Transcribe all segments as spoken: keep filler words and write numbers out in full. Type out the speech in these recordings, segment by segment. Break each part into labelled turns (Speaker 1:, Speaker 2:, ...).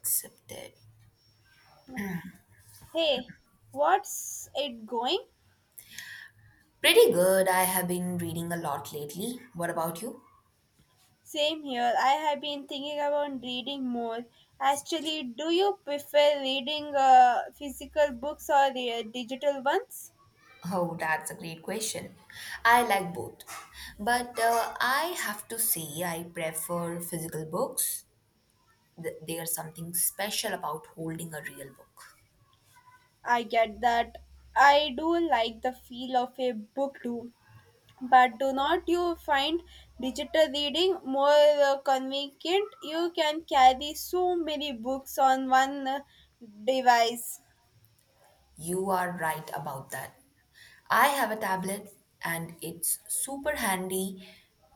Speaker 1: Accepted.
Speaker 2: Hey, what's it going?
Speaker 1: Pretty good. I have been reading a lot lately. What about you?
Speaker 2: Same here. I have been thinking about reading more. Actually, do you prefer reading uh, physical books or uh, digital ones?
Speaker 1: Oh, that's a great question. I like both. But uh, I have to say, I prefer physical books. Th- There's something special about holding a real book.
Speaker 2: I get that. I do like the feel of a book too. But do not you find digital reading more uh, convenient? You can carry so many books on one uh, device.
Speaker 1: You are right about that. I have a tablet and it's super handy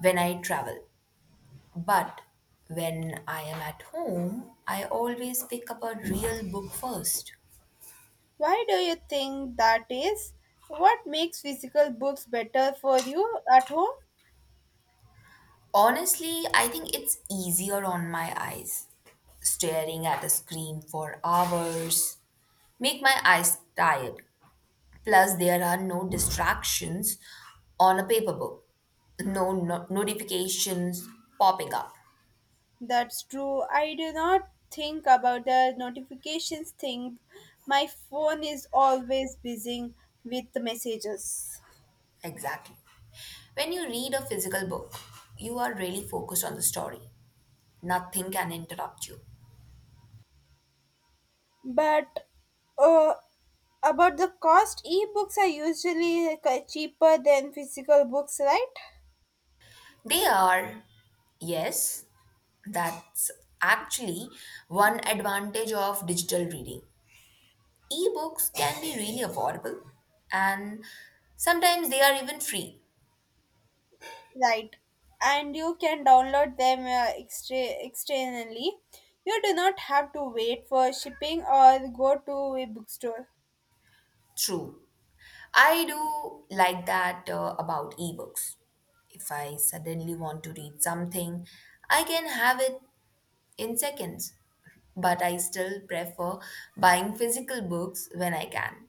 Speaker 1: when I travel. But when I am at home, I always pick up a real book first.
Speaker 2: Why do you think that is? What makes physical books better for you at home?
Speaker 1: Honestly, I think it's easier on my eyes. Staring at a screen for hours make my eyes tired. Plus, there are no distractions on a paper book. No, no notifications popping up.
Speaker 2: That's true. I do not think about the notifications thing. My phone is always buzzing with messages.
Speaker 1: Exactly. When you read a physical book, you are really focused on the story. Nothing can interrupt you.
Speaker 2: But uh, about the cost, ebooks are usually like, uh, cheaper than physical books, right?
Speaker 1: They are, yes, that's actually one advantage of digital reading. Ebooks can be really affordable and sometimes they are even free.
Speaker 2: Right. And you can download them uh, extra- externally. You do not have to wait for shipping or go to a bookstore.
Speaker 1: True. I do like that uh, about ebooks. If I suddenly want to read something, I can have it in seconds, but I still prefer buying physical books when I can.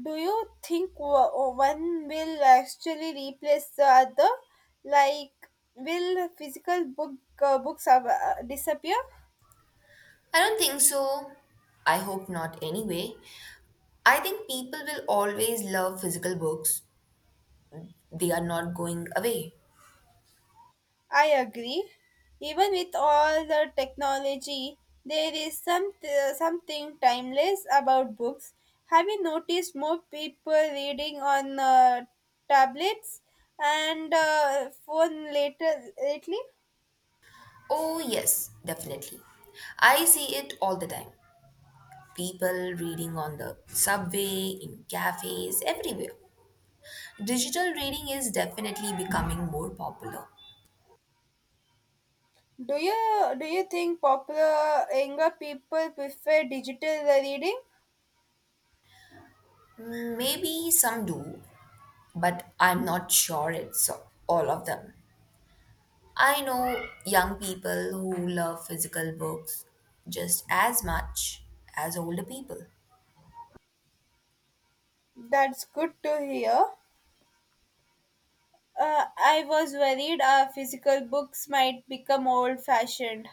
Speaker 2: Do you think wo- one will actually replace the other? Like, will physical book uh, books uh, disappear?
Speaker 1: I don't think so. I hope not anyway. I think people will always love physical books. They are not going away.
Speaker 2: I agree. Even with all the technology, there is some uh, something timeless about books. Have you noticed more people reading on uh, tablets and uh, phone later lately?
Speaker 1: Oh, yes, definitely. I see it all the time. People reading on the subway, in cafes, everywhere. Digital reading is definitely becoming more popular.
Speaker 2: Do you do you think popular younger people prefer digital reading?
Speaker 1: Maybe some do, but I'm not sure it's all of them. I know young people who love physical books just as much as older people.
Speaker 2: That's good to hear. Uh, I was worried our physical books might become old fashioned.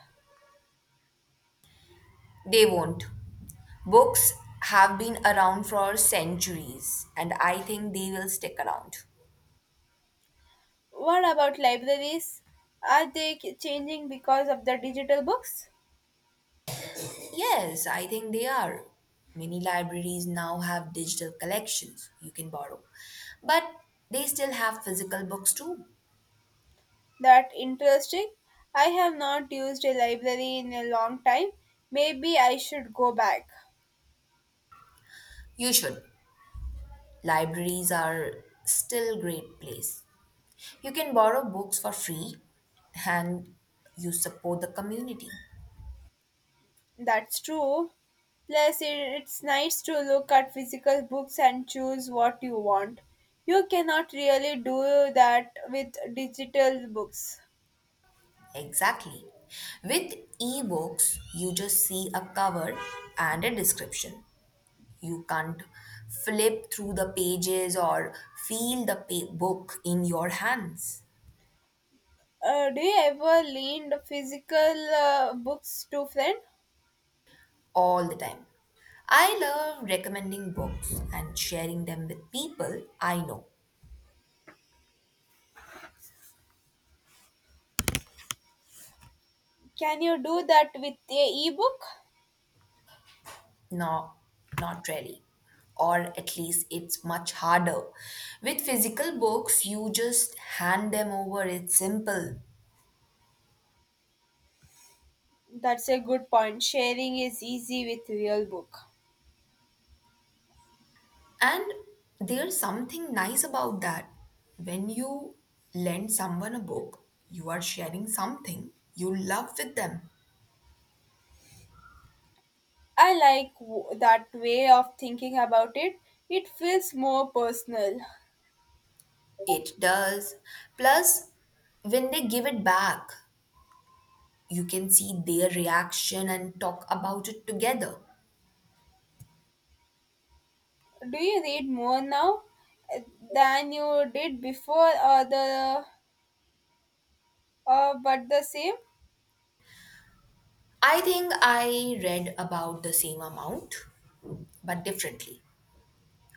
Speaker 1: They won't. Books have been around for centuries, and I think they will stick around.
Speaker 2: What about libraries? Are they k- changing because of the digital books?
Speaker 1: Yes, I think they are. Many libraries now have digital collections you can borrow, but they still have physical books too.
Speaker 2: That interesting. I have not used a library in a long time. Maybe I should go back.
Speaker 1: You should. Libraries are still great place. You can borrow books for free and you support the community.
Speaker 2: That's true. Plus, i- it's nice to look at physical books and choose what you want. You cannot really do that with digital books.
Speaker 1: Exactly. With ebooks, you just see a cover and a description. You can't flip through the pages or feel the pa- book in your hands
Speaker 2: Uh, do you ever lend physical uh, books to friend?
Speaker 1: all the time. I love recommending books and sharing them with people I know.
Speaker 2: Can you do that with a ebook?
Speaker 1: No, not really. Or at least it's much harder. With physical books, you just hand them over. It's simple.
Speaker 2: That's a good point. Sharing is easy with real book.
Speaker 1: And there's something nice about that. When you lend someone a book, you are sharing something you love with them.
Speaker 2: I like w- that way of thinking about it. It feels more personal.
Speaker 1: It does. Plus, when they give it back, you can see their reaction and talk about it together.
Speaker 2: Do you read more now uh, than you did before or the or but the same?
Speaker 1: I think I read about the same amount, but differently.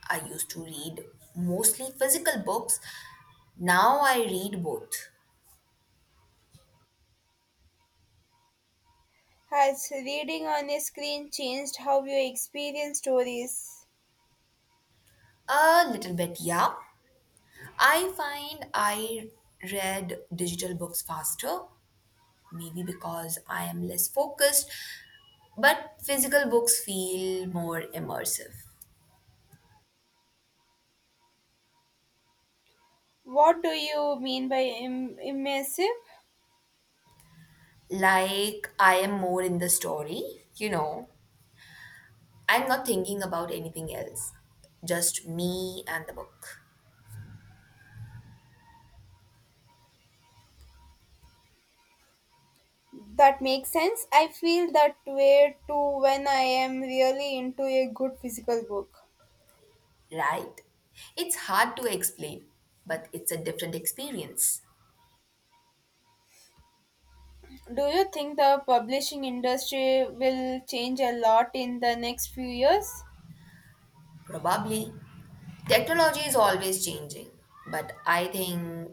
Speaker 1: I used to read mostly physical books. Now I read both.
Speaker 2: Has reading on a screen changed how you experience stories?
Speaker 1: A little bit, yeah, I find I read digital books faster, maybe because I am less focused, but physical books feel more immersive.
Speaker 2: What do you mean by Im- immersive?
Speaker 1: Like I am more in the story, you know, I'm not thinking about anything else, just me and the book,
Speaker 2: That makes sense. I feel that way too when I am really into a good physical book.
Speaker 1: right? It's hard to explain, but it's a different experience,
Speaker 2: Do you think the publishing industry will change a lot in the next few years?
Speaker 1: probably. Technology is always changing, but I think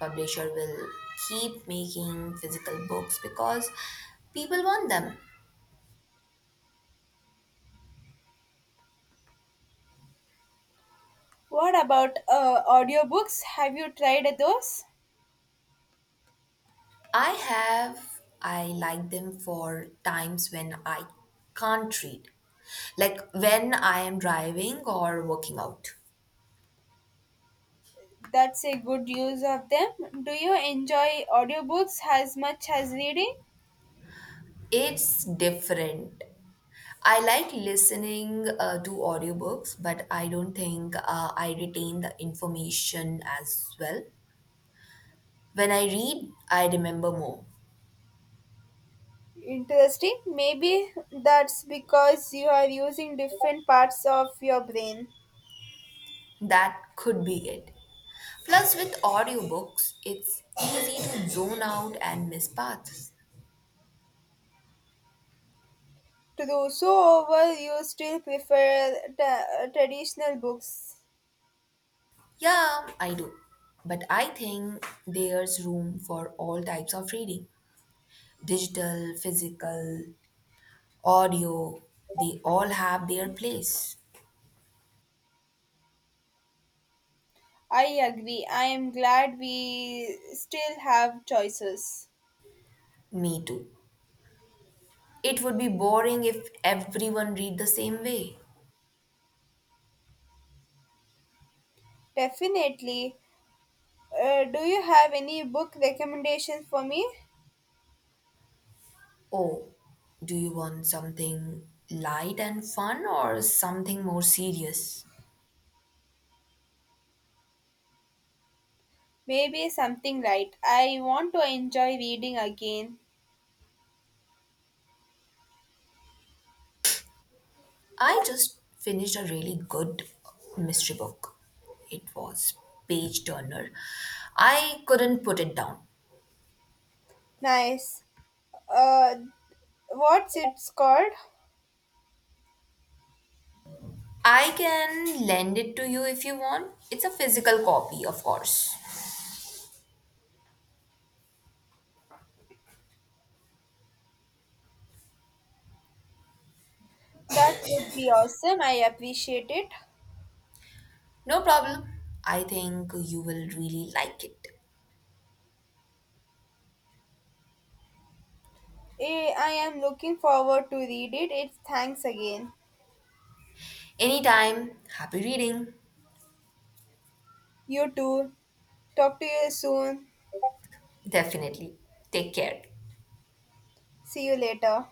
Speaker 1: publisher will keep making physical books because people want them.
Speaker 2: What about uh, audiobooks? Have you tried those?
Speaker 1: I have I like them for times when I can't read. Like when I am driving or working out.
Speaker 2: That's a good use of them. Do you enjoy audiobooks as much as reading?
Speaker 1: It's different. I like listening uh, to audiobooks, but I don't think uh, I retain the information as well. When I read, I remember more.
Speaker 2: Interesting. Maybe that's because you are using different parts of your brain.
Speaker 1: That could be it. Plus, with audiobooks, it's easy to zone out and miss paths.
Speaker 2: True. So, over you still prefer t- traditional books.
Speaker 1: Yeah, I do. But I think there's room for all types of reading digital, physical, audio. They all have their place.
Speaker 2: I agree. I am glad we still have choices.
Speaker 1: Me too. It would be boring if everyone read the same way.
Speaker 2: Definitely. Uh, do you have any book recommendations for me?
Speaker 1: Oh, do you want something light and fun or something more serious?
Speaker 2: Maybe something light. I want to enjoy reading again.
Speaker 1: I just finished a really good mystery book. It was page turner. I couldn't put it down.
Speaker 2: Nice. Uh, what's it's called?
Speaker 1: I can lend it to you if you want. It's a physical copy, of course.
Speaker 2: That could be awesome. I appreciate it.
Speaker 1: No problem. I think you will really like it.
Speaker 2: Eh, I am looking forward to read it. It's thanks again.
Speaker 1: Anytime. Happy reading.
Speaker 2: You too. Talk to you soon.
Speaker 1: Definitely. Take care.
Speaker 2: See you later.